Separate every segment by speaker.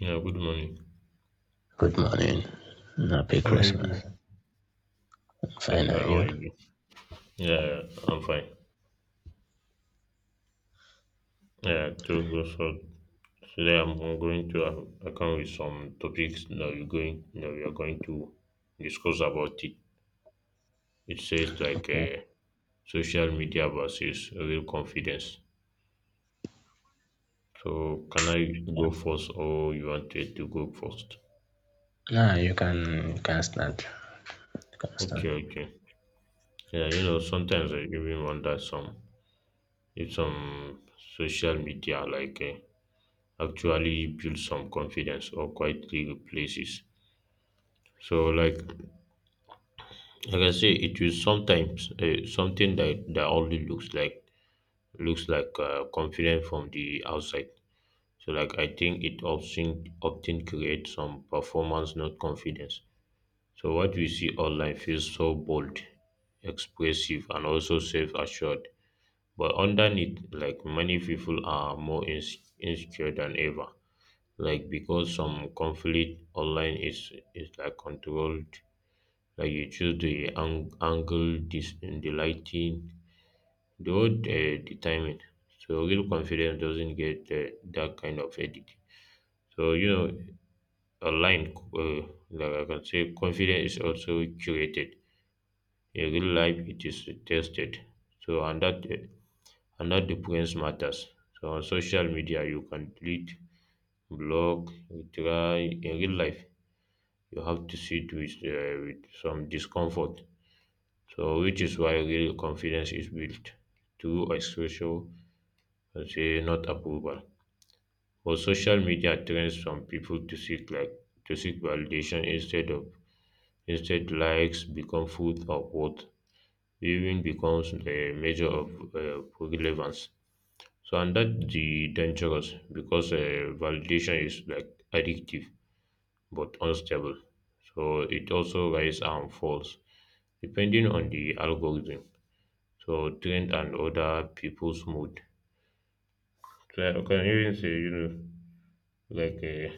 Speaker 1: Yeah, good morning.
Speaker 2: Good morning. Happy
Speaker 1: How are you
Speaker 2: Christmas.
Speaker 1: doing? Yeah,
Speaker 2: Fine, and
Speaker 1: how are
Speaker 2: you?
Speaker 1: you doing? Yeah, I'm fine. Yeah, to go, so today I'm going to I come with some topics that we are going to discuss about it. It says like social media versus real confidence. So can I
Speaker 2: Yeah.
Speaker 1: go first or you wanted to go first?
Speaker 2: Nah, you can start. You can start.
Speaker 1: Okay, okay. Yeah, sometimes I even wonder some if some social media like actually builds some confidence or quietly replaces. So, like I say, it is sometimes something that only looks like confident from the outside. So, like, I think it often creates some performance, not confidence. So, what we see online feels so bold, expressive, and also self-assured. But underneath, like many people are more insecure than ever. Like because some conflict online is like controlled. Like you choose the angle, this the lighting, the road, the timing. So real confidence doesn't get that kind of edit. So you know online, like I can say confidence is also curated. In real life it is tested. So and that difference matters. So on social media you can delete, block, retry. In real life you have to sit with some discomfort. So, which is why real confidence is built through exposure and, say, not approval. But social media trains some people to seek validation, instead of instead likes become food of worth, even becomes a measure of relevance. So and that the dangerous, because validation is like addictive but unstable. So it also rise and falls, depending on the algorithm. So trend and other people's mood. So I can even say, like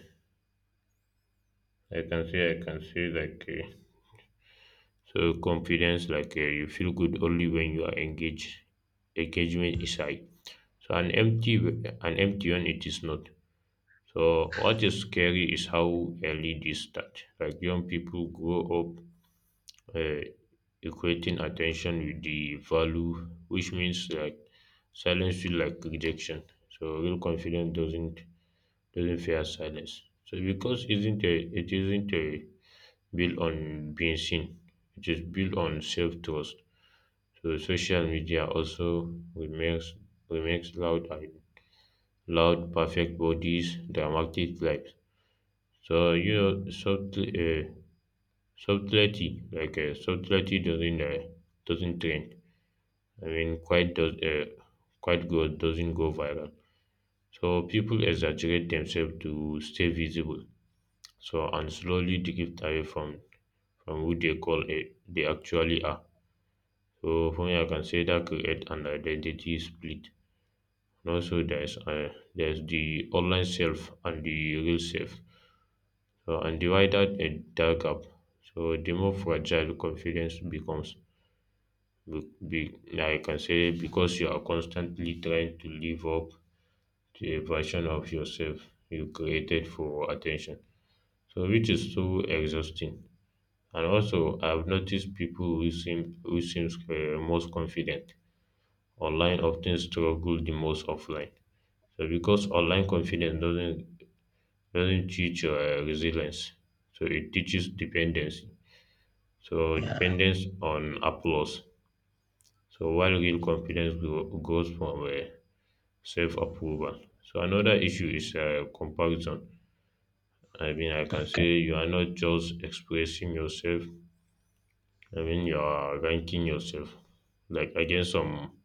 Speaker 1: I can say like so confidence, like you feel good only when you are engaged. Engagement is high. So an empty one, it is not. So what is scary is how early this start. Like young people grow up, uh, equating attention with the value, which means like silence feel like rejection. So real confidence doesn't fear silence. So because isn't a it isn't a built on being seen. It is built on self trust. So social media also remakes loud perfect bodies, dramatic lives. So subtlety doesn't train. I mean, quite good doesn't go viral. So people exaggerate themselves to stay visible. So and slowly drift away from who they call it they actually are. So for me, I can say that create an identity split. And also, there's the online self and the real self. So and divided a dark gap. So the more fragile confidence becomes. Be, I can say because you are constantly trying to live up to a version of yourself you created for attention. So which is so exhausting. And also I've noticed people who seems most confident online often struggle the most offline. So because online confidence doesn't teach resilience, so it teaches dependency. So
Speaker 2: Yeah.
Speaker 1: dependence on applause. So while real confidence goes from self approval. So another issue is comparison. I mean, I can
Speaker 2: Okay.
Speaker 1: say you are not just expressing yourself. I mean, you are ranking yourself like against some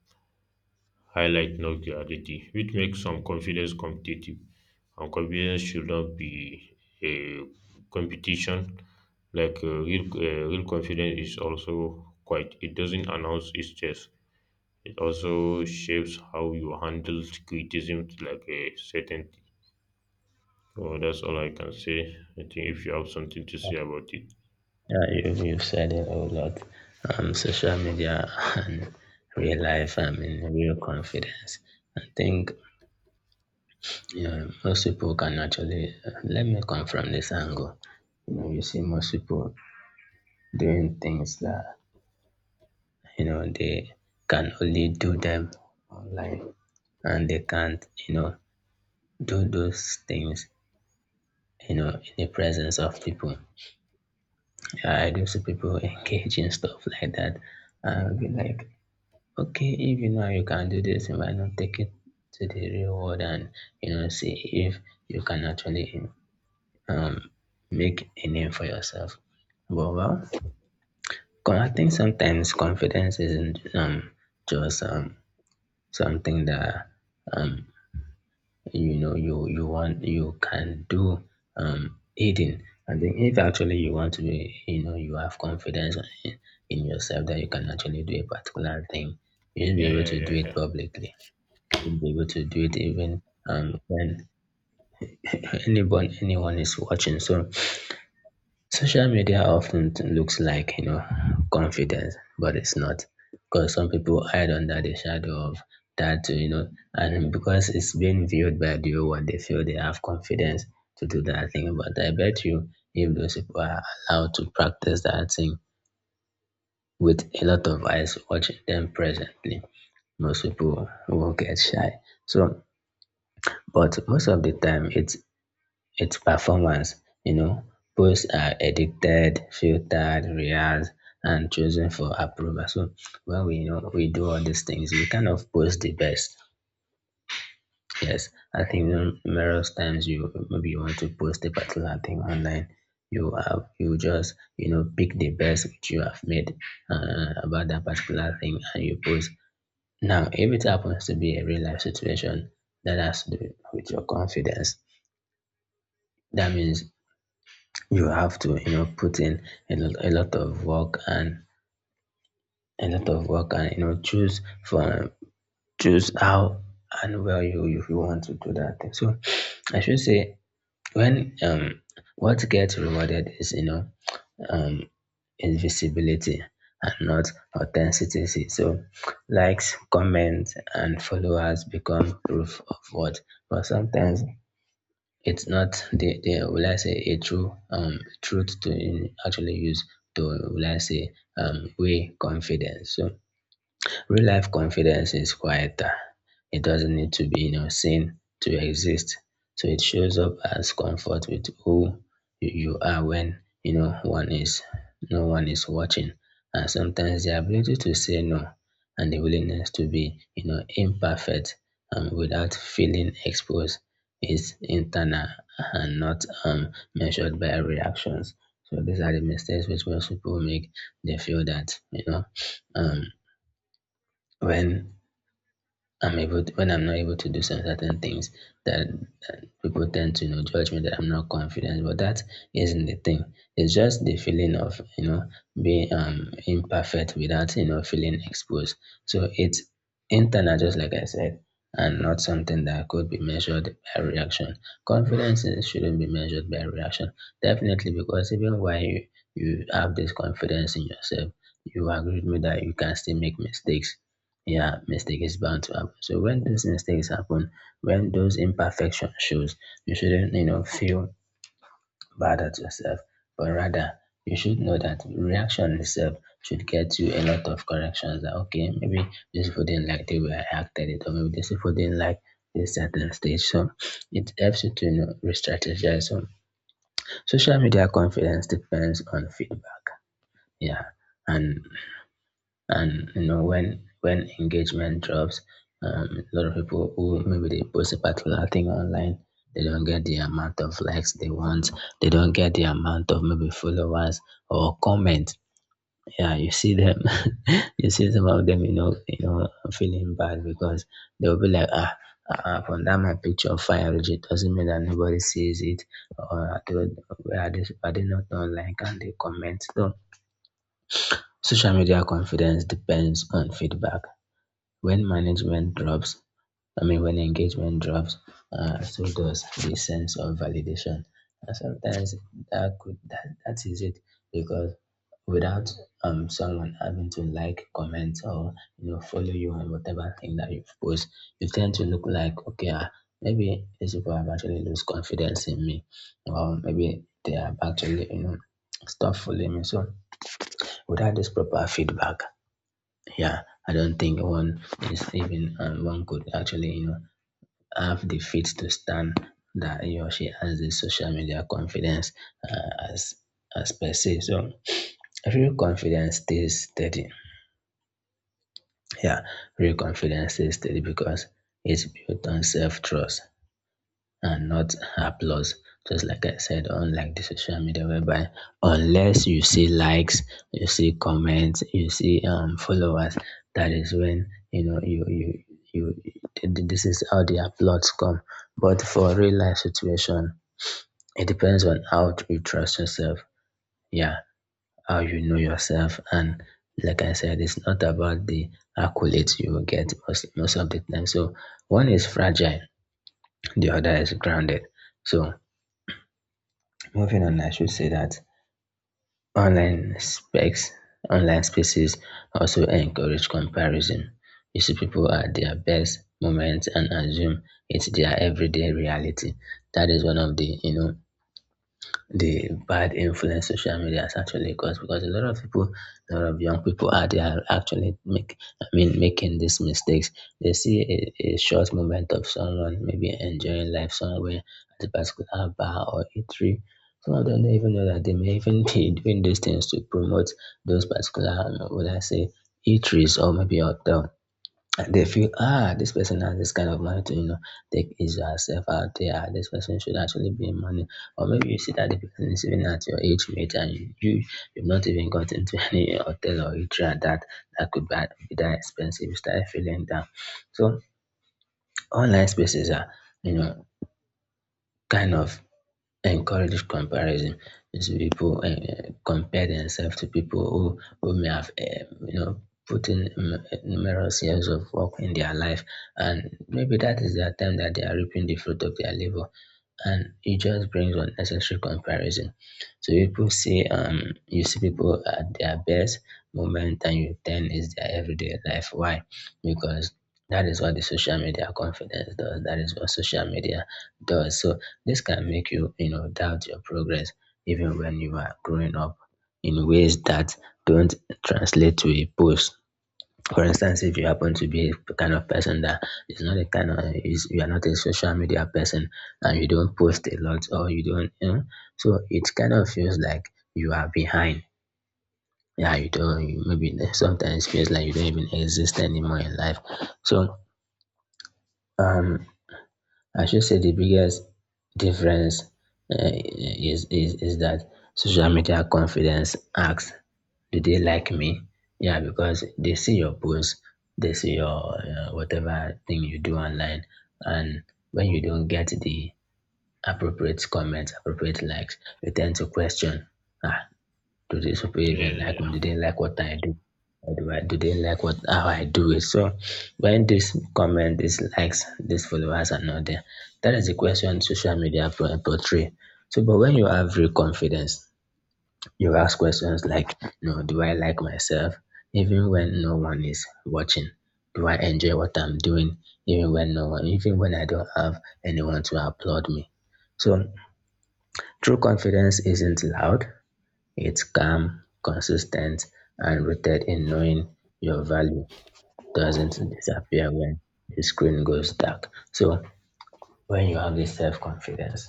Speaker 1: highlight, not reality, which makes some confidence competitive. And confidence should not be a competition. Like real confidence is also quite. It doesn't announce its chest. It also shapes how you handle criticism like a certainty. So that's all I can say. I think if you have something to say about it.
Speaker 2: Yeah, you've said it a whole lot. Social media and real life. I mean, real confidence. I think you know, most people can actually. Let me come from this angle. You know, you see most people doing things that you know they can only do them online, and they can't. You know, do those things, you know, in the presence of people. Yeah, I do see people engage in stuff like that. I'll be like, okay, if you know you can do this, why not take it to the real world and, you know, see if you can actually um, make a name for yourself. But well, I think sometimes confidence isn't just something that um, you know you want you can do hidden, and then if actually you want to be, you know, you have confidence in, in yourself that you can actually do a particular thing, you should be
Speaker 1: Yeah,
Speaker 2: able
Speaker 1: yeah,
Speaker 2: to do
Speaker 1: yeah,
Speaker 2: it
Speaker 1: yeah,
Speaker 2: publicly, you should be able to do it even when anybody anyone is watching. So social media often looks like, you know, confidence, but it's not. Because some people hide under the shadow of that, too, you know, and because it's being viewed by the world, they feel they have confidence to do that thing. But I bet you, if those people are allowed to practice that thing with a lot of eyes watching them presently, most people will get shy. So, but most of the time, it's performance, you know. Posts are edited, filtered, rehearsed, and chosen for approval. So when we, you know, we do all these things, we kind of post the best. Yes, I think numerous times you maybe you want to post a particular thing online, you have you just you know pick the best which you have made about that particular thing and you post. Now, if it happens to be a real life situation that has to do with your confidence, that means you have to, you know, put in a lot of work and a lot of work, and you know choose from choose how and where you if you want to do that thing. So I should say when what gets rewarded is, you know, um invisibility and not authenticity. So likes, comments and followers become proof of what, but sometimes it's not the will I say a true truth to actually use to will I say way confidence. So real life confidence is quieter. It doesn't need to be, you know, seen to exist. So it shows up as comfort with who you are when you know one is no one is watching. And sometimes the ability to say no and the willingness to be, you know, imperfect without feeling exposed is internal and not measured by reactions. So these are the mistakes which most people make. They feel that, you know, um, when when I'm not able to do some certain things, that then people tend to you know judge me that I'm not confident. But that isn't the thing. It's just the feeling of you know being imperfect without you know feeling exposed. So it's internal, just like I said, and not something that could be measured by reaction. Shouldn't be measured by reaction, definitely, because even while you have this confidence in yourself, you agree with me that you can still make mistakes. Yeah, mistake is bound to happen, so when those mistakes happen, when those imperfection shows, you shouldn't you know feel bad at yourself, but rather you should know that reaction itself should get you a lot of corrections that okay maybe this people didn't like the way I acted it, or maybe this people didn't like this certain stage. So it helps you to, you know, re-strategize. So social media confidence depends on feedback, yeah, and you know when engagement drops, a lot of people who maybe they post a particular thing online, they don't get the amount of likes they want, they don't get the amount of maybe followers or comments. Yeah, you see them, you see some of them, you know, you know feeling bad because they'll be like, ah, from that my picture of fire it doesn't mean that nobody sees it, or where are they, are they not on like and they comment. So social media confidence depends on feedback when management drops. I mean, when engagement drops, so does the sense of validation. And sometimes that could that is it, because without someone having to like comment or you know follow you on whatever thing that you post, you tend to look like okay ah, maybe these people have actually lose confidence in me, or maybe they have actually you know stop following me. So without this proper feedback, yeah, I don't think one is even one could actually you know have the faith to stand that he or she has the social media confidence uh, as as per se. So real confidence stays steady. Yeah, real confidence stays steady because it's built on self trust and not applause. Just like I said, unlike the social media, whereby unless you see likes, you see comments, you see followers, that is when you know you. This is how the applause come. But for real life situation, it depends on how you trust yourself. Yeah, how you know yourself, and like I said, it's not about the accolades you will get most of the time. So one is fragile, the other is grounded. So moving on, I should say that online specs, online spaces also encourage comparison. You see people at their best moments and assume it's their everyday reality. That is one of the you know the bad influence social media has actually caused, because a lot of people, a lot of young people out there are actually I mean, making these mistakes. They see a short moment of someone maybe enjoying life somewhere at a particular bar or eatery. Some of them don't even know that they may even be doing these things to promote those particular, what I say, eateries or maybe hotel. They feel ah this person has this kind of money to, you know, take his or herself out there, this person should actually be in money. Or maybe you see that the person is even at your age mate, and you've not even gotten to any hotel or eatery that that could be, be that expensive, you start feeling down. So online spaces are, you know, kind of encourage comparison. So people compare themselves to people who may have you know, put in numerous years of work in their life, and maybe that is their time that they are reaping the fruit of their labor, and it just brings unnecessary comparison. So people say you see people at their best moment and you think is their everyday life. Why? Because that is what the social media confidence does, that is what social media does. So this can make you, you know, doubt your progress even when you are growing up in ways that don't translate to a post. For instance, if you happen to be a kind of person that is not a kind of is you are not a social media person, and you don't post a lot or you don't, you know, so it kind of feels like you are behind. Yeah, you don't. You maybe sometimes feels like you don't even exist anymore in life. So um, I should say the biggest difference is that social media confidence asks, do they like me? Yeah, because they see your post, they see your whatever thing you do online, and when you don't get the appropriate comments, appropriate likes, you tend to question, ah, do these people
Speaker 1: yeah,
Speaker 2: even
Speaker 1: yeah,
Speaker 2: like me?
Speaker 1: yeah,
Speaker 2: Do they like what I do? Or do they like what how I do it? So when this comment, these likes, these followers are not there, that is the question social media portray. So but when you have real confidence, you ask questions like, no, do I like myself? Even when no one is watching, do I enjoy what I'm doing? Even when no one, even when I don't have anyone to applaud me. So true confidence isn't loud. It's calm, consistent, and rooted in knowing your value doesn't disappear when the screen goes dark. So when you have this self-confidence,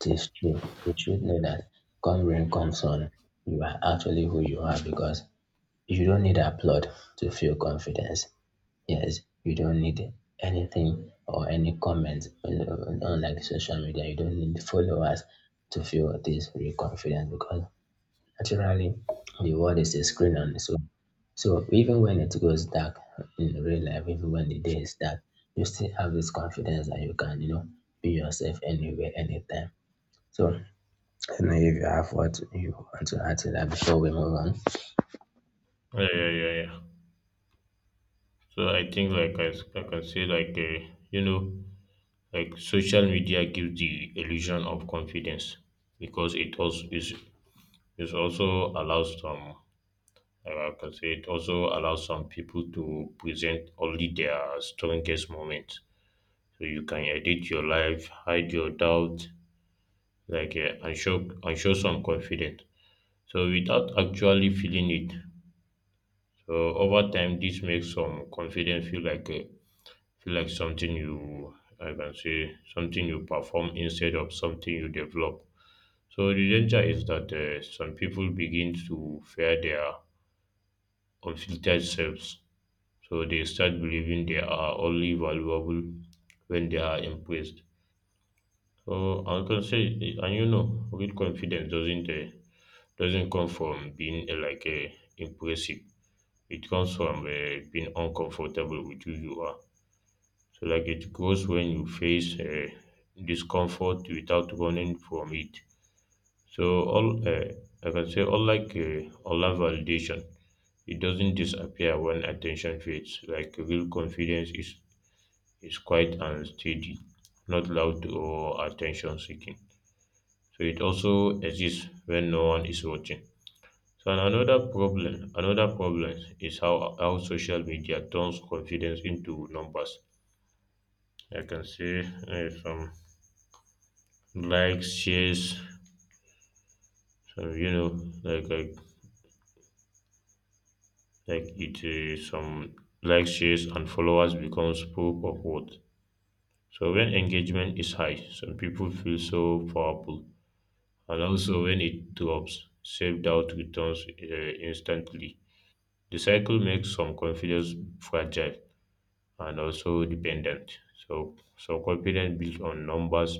Speaker 2: it is true. You should know that come rain, come sun, you are actually who you are because you don't need applaud to feel confidence. Yes, you don't need anything or any comments unlike social media. You don't need followers to feel this real confidence because naturally the world is a screen on its own. So even when it goes dark in real life, even when the day is dark, you still have this confidence that you can, be yourself anywhere, anytime. So I don't know if you have what you want to add to that before we move on.
Speaker 1: yeah, yeah, yeah, yeah. So I think like I can say like like social media gives the illusion of confidence, because it also is also allows some I can say it also allows some people to present only their strongest moments. So you can edit your life, hide your doubt, like and show some confidence. So without actually feeling it, over time, this makes some confidence feel like something you I can say something you perform instead of something you develop. So the danger is that some people begin to fear their unfiltered selves. So they start believing they are only valuable when they are impressed. So I can say, and real confidence doesn't come from being like impressive. It comes from being uncomfortable with who you are. So, like, it grows when you face discomfort without running from it. So, all I can say, unlike online validation, it doesn't disappear when attention fades. Like, real confidence is quiet and steady, not loud or attention seeking. So, it also exists when no one is watching. So and another problem is how social media turns confidence into numbers. I can say some likes, shares, some you know, like like like it some likes, shares, and followers becomes proof of worth. So when engagement is high, some people feel so powerful, and also when it drops, self doubt returns instantly. The cycle makes some confidence fragile and also dependent. So confidence built on numbers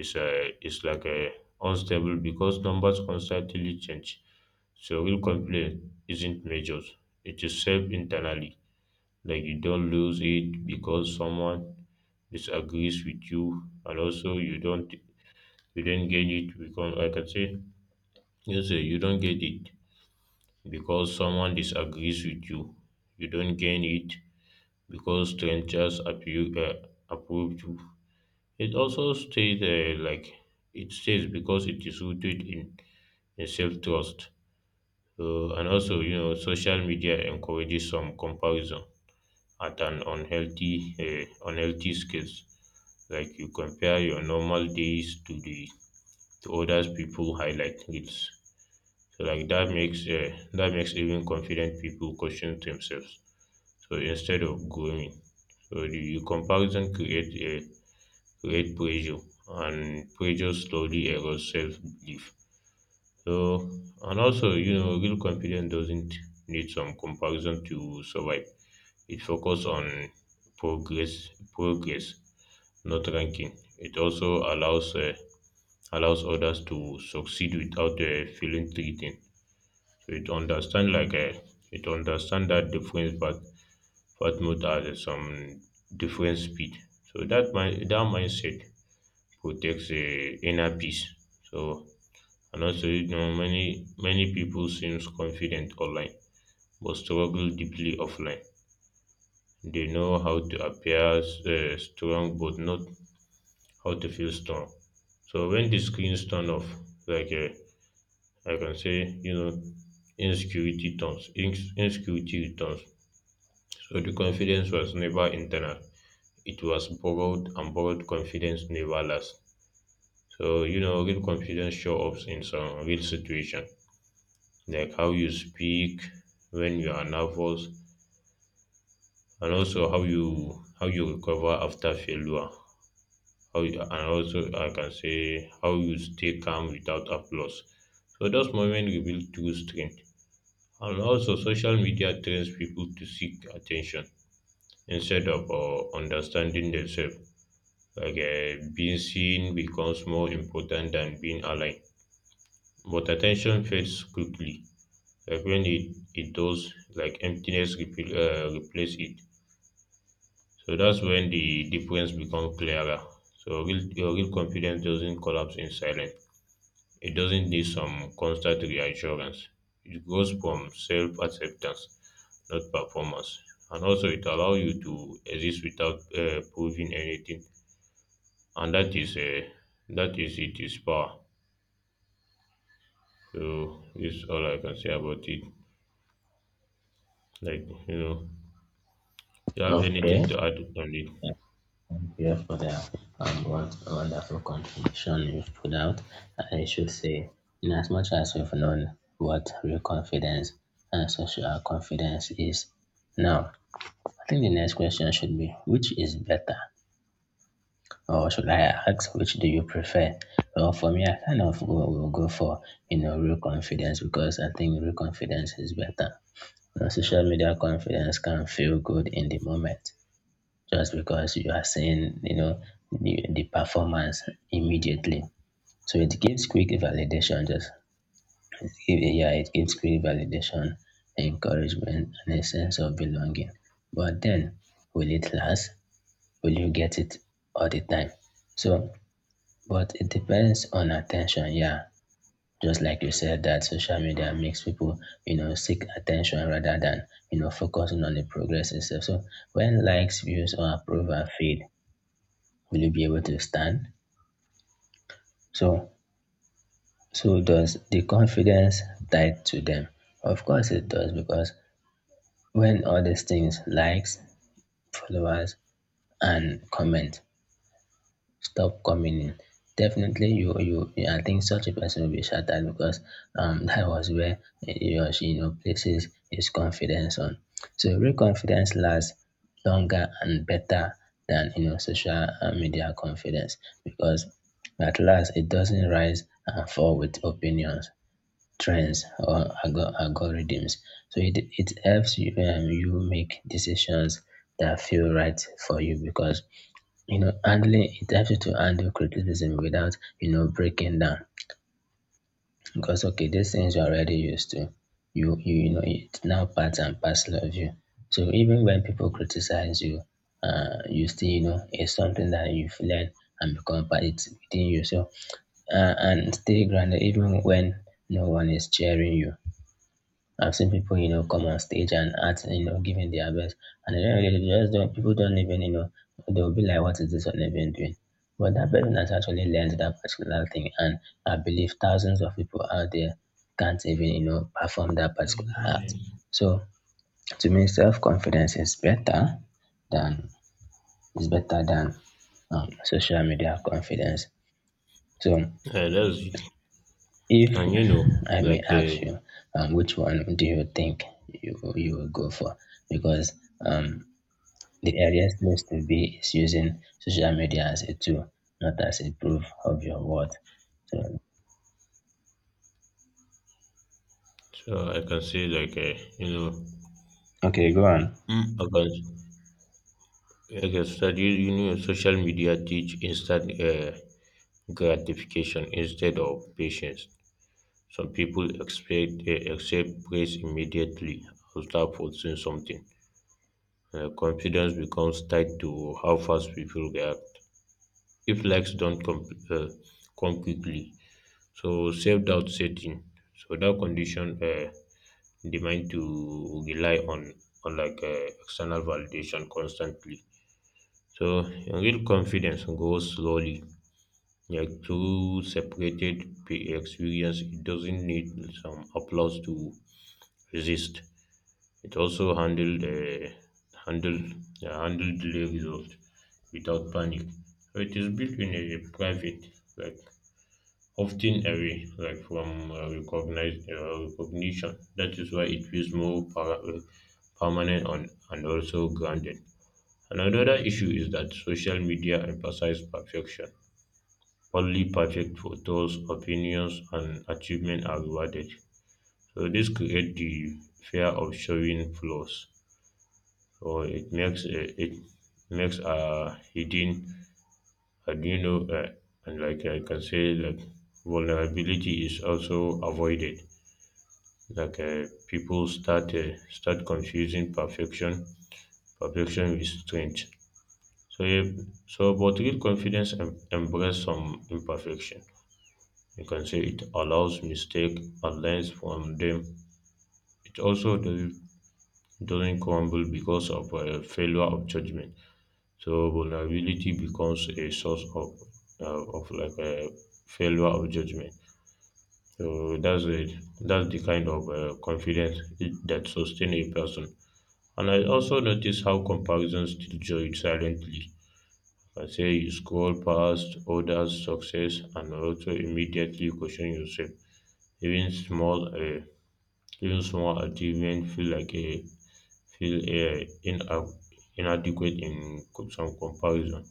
Speaker 1: is like a unstable, because numbers constantly change. So real confidence isn't measured; it is saved internally. Like you don't lose it because someone disagrees with you, and also you don't get it because like I can say you don't get it because someone disagrees with you. You don't gain it because strangers appear, approve you. It also stays because it is rooted in self trust. And also, social media encourages some comparison at an unhealthy scales. Like you compare your normal days to others people highlight reels. So like that makes even confident people question themselves. So instead of growing, so the comparison creates a great pressure, and pressure slowly erodes self belief. So and also real confidence doesn't need some comparison to survive. It focuses on progress, not ranking. It also allows others to succeed without feeling threatened. So it understand that difference, but not at some different speed. So that mindset protects the inner peace. So and also many people seems confident online but struggle deeply offline. They know how to appear strong but not how to feel strong. So when the screens turn off, like I can say, insecurity returns. So the confidence was never internal. It was borrowed, and borrowed confidence never lasts. So, real confidence shows up in some real situation, like how you speak when you are nervous, and also how you recover after failure. How you, and also I can say how you stay calm without applause. So those moments reveal true strength. And also, social media trains people to seek attention instead of understanding themselves. Like being seen becomes more important than being aligned. But attention fades quickly, like when it does, like emptiness replace it. So that's when the difference becomes clearer. So your real confidence doesn't collapse in silence. It doesn't need some constant reassurance. It grows from self-acceptance, not performance. And also it allows you to exist without proving anything. And that is it is power. So this is all I can say about it. Like you have anything
Speaker 2: Okay.
Speaker 1: to add on it.
Speaker 2: Yeah, thank you for the what a wonderful contribution you've put out. I should say, in as much as we've known what real confidence and social confidence is now, I think the next question should be which is better, or should I ask which do you prefer? Well, for me, I kind of will go for you know real confidence because I think real confidence is better. You know, social media confidence can feel good in the moment just because you are seeing you know the performance immediately. So it gives quick validation. Yeah, it gives quick validation, encouragement, and a sense of belonging. But then, will it last? Will you get it all the time? So, but it depends on attention, yeah. Just like you said that social media makes people, you know, seek attention rather than, you know, focusing on the progress itself. So when likes, views or approval fade, will you be able to stand? So so does the confidence tied to them? Of course it does because when all these things likes, followers and comment stop coming in. Definitely, I think such a person will be shattered because that was where he or she, you know, places his confidence on. So, real confidence lasts longer and better than, you know, social media confidence because at last it doesn't rise and fall with opinions, trends, or algorithms. So, it helps you, you make decisions that feel right for you because you know, handling it helps you to handle criticism without, you know, breaking down. Because okay, these things you're already used to. You know it's now part and parcel of you. So even when people criticize you, you still you know it's something that you've learned and become part it's within you. So and stay grounded even when no one is cheering you. I've seen people, you know, come on stage and act, you know, giving their best, and they just don't. People don't even, you know, they'll be like, "What is this one even doing?" But that person has actually learned that particular thing, and I believe thousands of people out there can't even, you know, perform that particular act. So to me, self confidence is better than is better than social media confidence. So
Speaker 1: That's.
Speaker 2: if
Speaker 1: And you know,
Speaker 2: I may
Speaker 1: like
Speaker 2: ask you, which one do you think you will go for? Because um, the earliest place to be is using social media as a tool, not as a proof of your worth. So,
Speaker 1: so I can say, like
Speaker 2: okay, go on.
Speaker 1: I can I can start social media teach instant gratification instead of patience. Some people expect accept praise immediately after posting something. Confidence becomes tied to how fast people react. If likes don't uh, come quickly, so self doubt setting. So that condition. Demand to rely on like external validation constantly. So real confidence grows slowly, like through separated experience. It doesn't need some applause to resist. It also handled handled delay result without panic. So it is built in a private, like often away like from recognition. That is why it feels more permanent on, and also grounded. Another issue is that social media emphasizes perfection. Only perfect photos, opinions, and achievement are rewarded. So this creates the fear of showing flaws. So it makes a hidden, and like I can say, like vulnerability is also avoided. People start confusing perfection with strength. So if, so but real confidence embrace some imperfection. You can say it allows mistake and learns from them. It also doesn't crumble because of a failure of judgment. So vulnerability becomes a source of a failure of judgment. So that's it. That's the kind of confidence that sustain a person. And I also notice how comparisons still jolt silently. I say you scroll past others' success and also immediately question yourself. Even small, uh, even small achievement feel like a feel ina- inadequate in some comparison.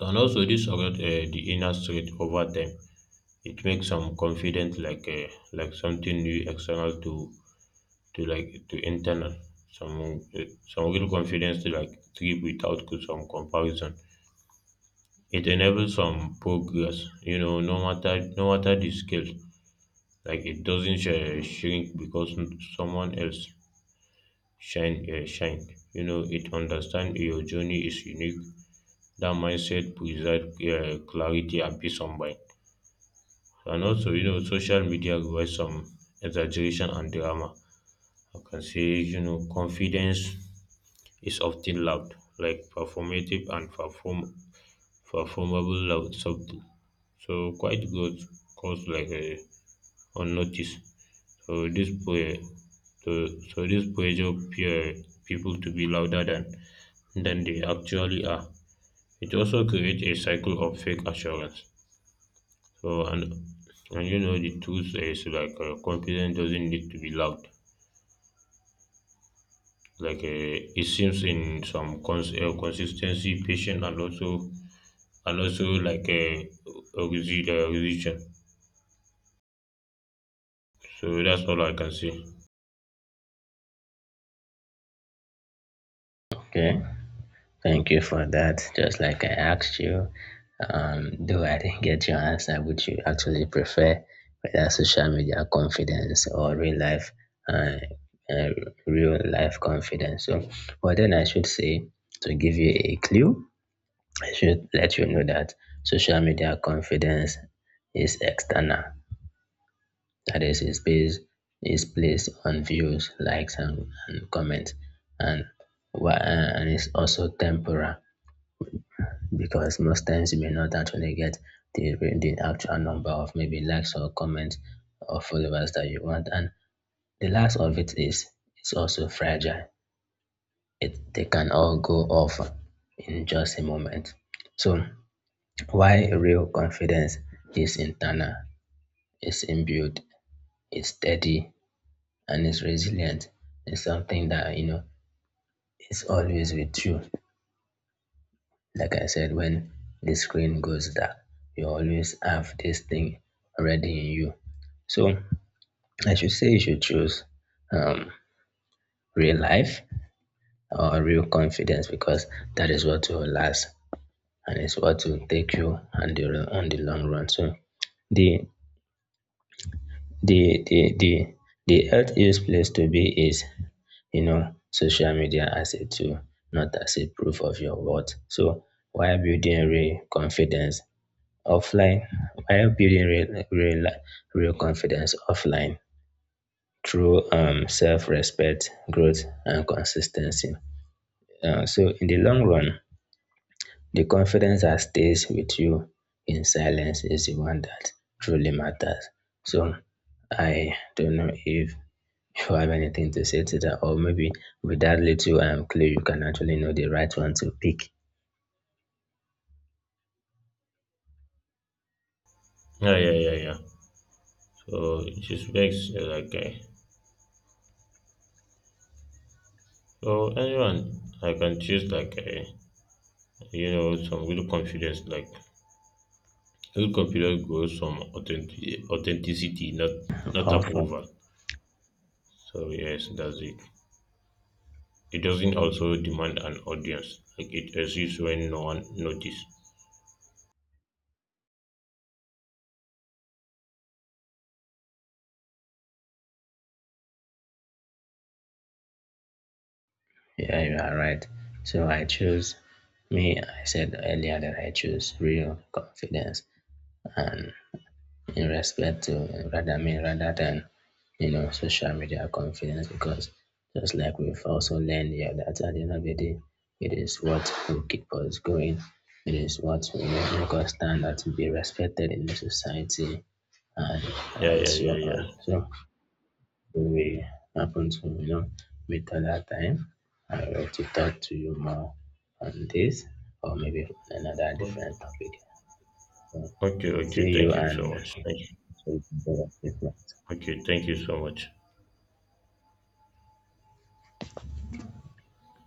Speaker 1: And also this about the inner strength over time. It makes some confident like something new external to like to internal. Some uh, some real confidence to like trip without some comparison. It enables some progress, no matter the scale. Like it doesn't shrink because someone else shine. It understand your journey is unique. That mindset preserve clarity and peace of mind. And also, social media provides some exaggeration and drama. I can say, confidence is often loud, like performative and performable loud something. So quiet goes like unnoticed. So so, this pressure peer people to be louder than they actually are. It also creates a cycle of fake assurance. So and the truth is like confidence doesn't need to be loud. Like it seems in some consistency, patient, and also like a religion. So that's all I can say.
Speaker 2: Okay. Thank you for that. Just like I asked you, though I didn't get your answer, would you actually prefer whether social media confidence or uh, uh, real life confidence? So, well, then I should say to give you a clue, I should let you know that social media confidence is external. That is based is placed on views, likes, and comments, and and it's also temporal because most times you may not actually get the actual number of maybe likes or comments or followers that you want. And the last of it is it's also fragile. It they can all go off in just a moment. So why real confidence is internal, is inbuilt, is steady, and is resilient. It's something that you know is always with you. Like I said, when the screen goes dark, you always have this thing already in you. So I should say you should choose um, real life or real confidence because that is what will last and it's what will take you on the long run. So the the the the the healthiest place to be is you know social media as a tool, not as a proof of your worth. So why building real confidence offline, while building real confidence offline through self-respect, growth, and consistency. So in the long run, the confidence that stays with you in silence is the one that truly matters. So I don't know if you have anything to say to that, or maybe with that little clue, you can actually know the right one to pick.
Speaker 1: Yeah, yeah, yeah, yeah. So it just makes like so anyone I can choose like some real confidence like real confidence goes from authenticity, not
Speaker 2: Awesome.
Speaker 1: approval. So yes, that's it. It doesn't also demand an audience. Like it exists when no one notices.
Speaker 2: Yeah, you are right. So I choose me. I said earlier that I choose real confidence and in respect to rather me rather than you know social media confidence because just like we've also learned here that at the end of the day, it is what will keep us going. It is what will make us stand out to be respected in the society and
Speaker 1: Yeah,
Speaker 2: and
Speaker 1: yeah,
Speaker 2: so
Speaker 1: yeah, yeah.
Speaker 2: on. So will happen to you know meet another time. I love to talk to you more on this or maybe on another different
Speaker 1: O-
Speaker 2: topic. Bon,
Speaker 1: Okay, okay.
Speaker 2: see
Speaker 1: Thank
Speaker 2: you
Speaker 1: you so
Speaker 2: and
Speaker 1: much.
Speaker 2: hope
Speaker 1: Thank you.
Speaker 2: you have a good night.
Speaker 1: Okay, thank you so much.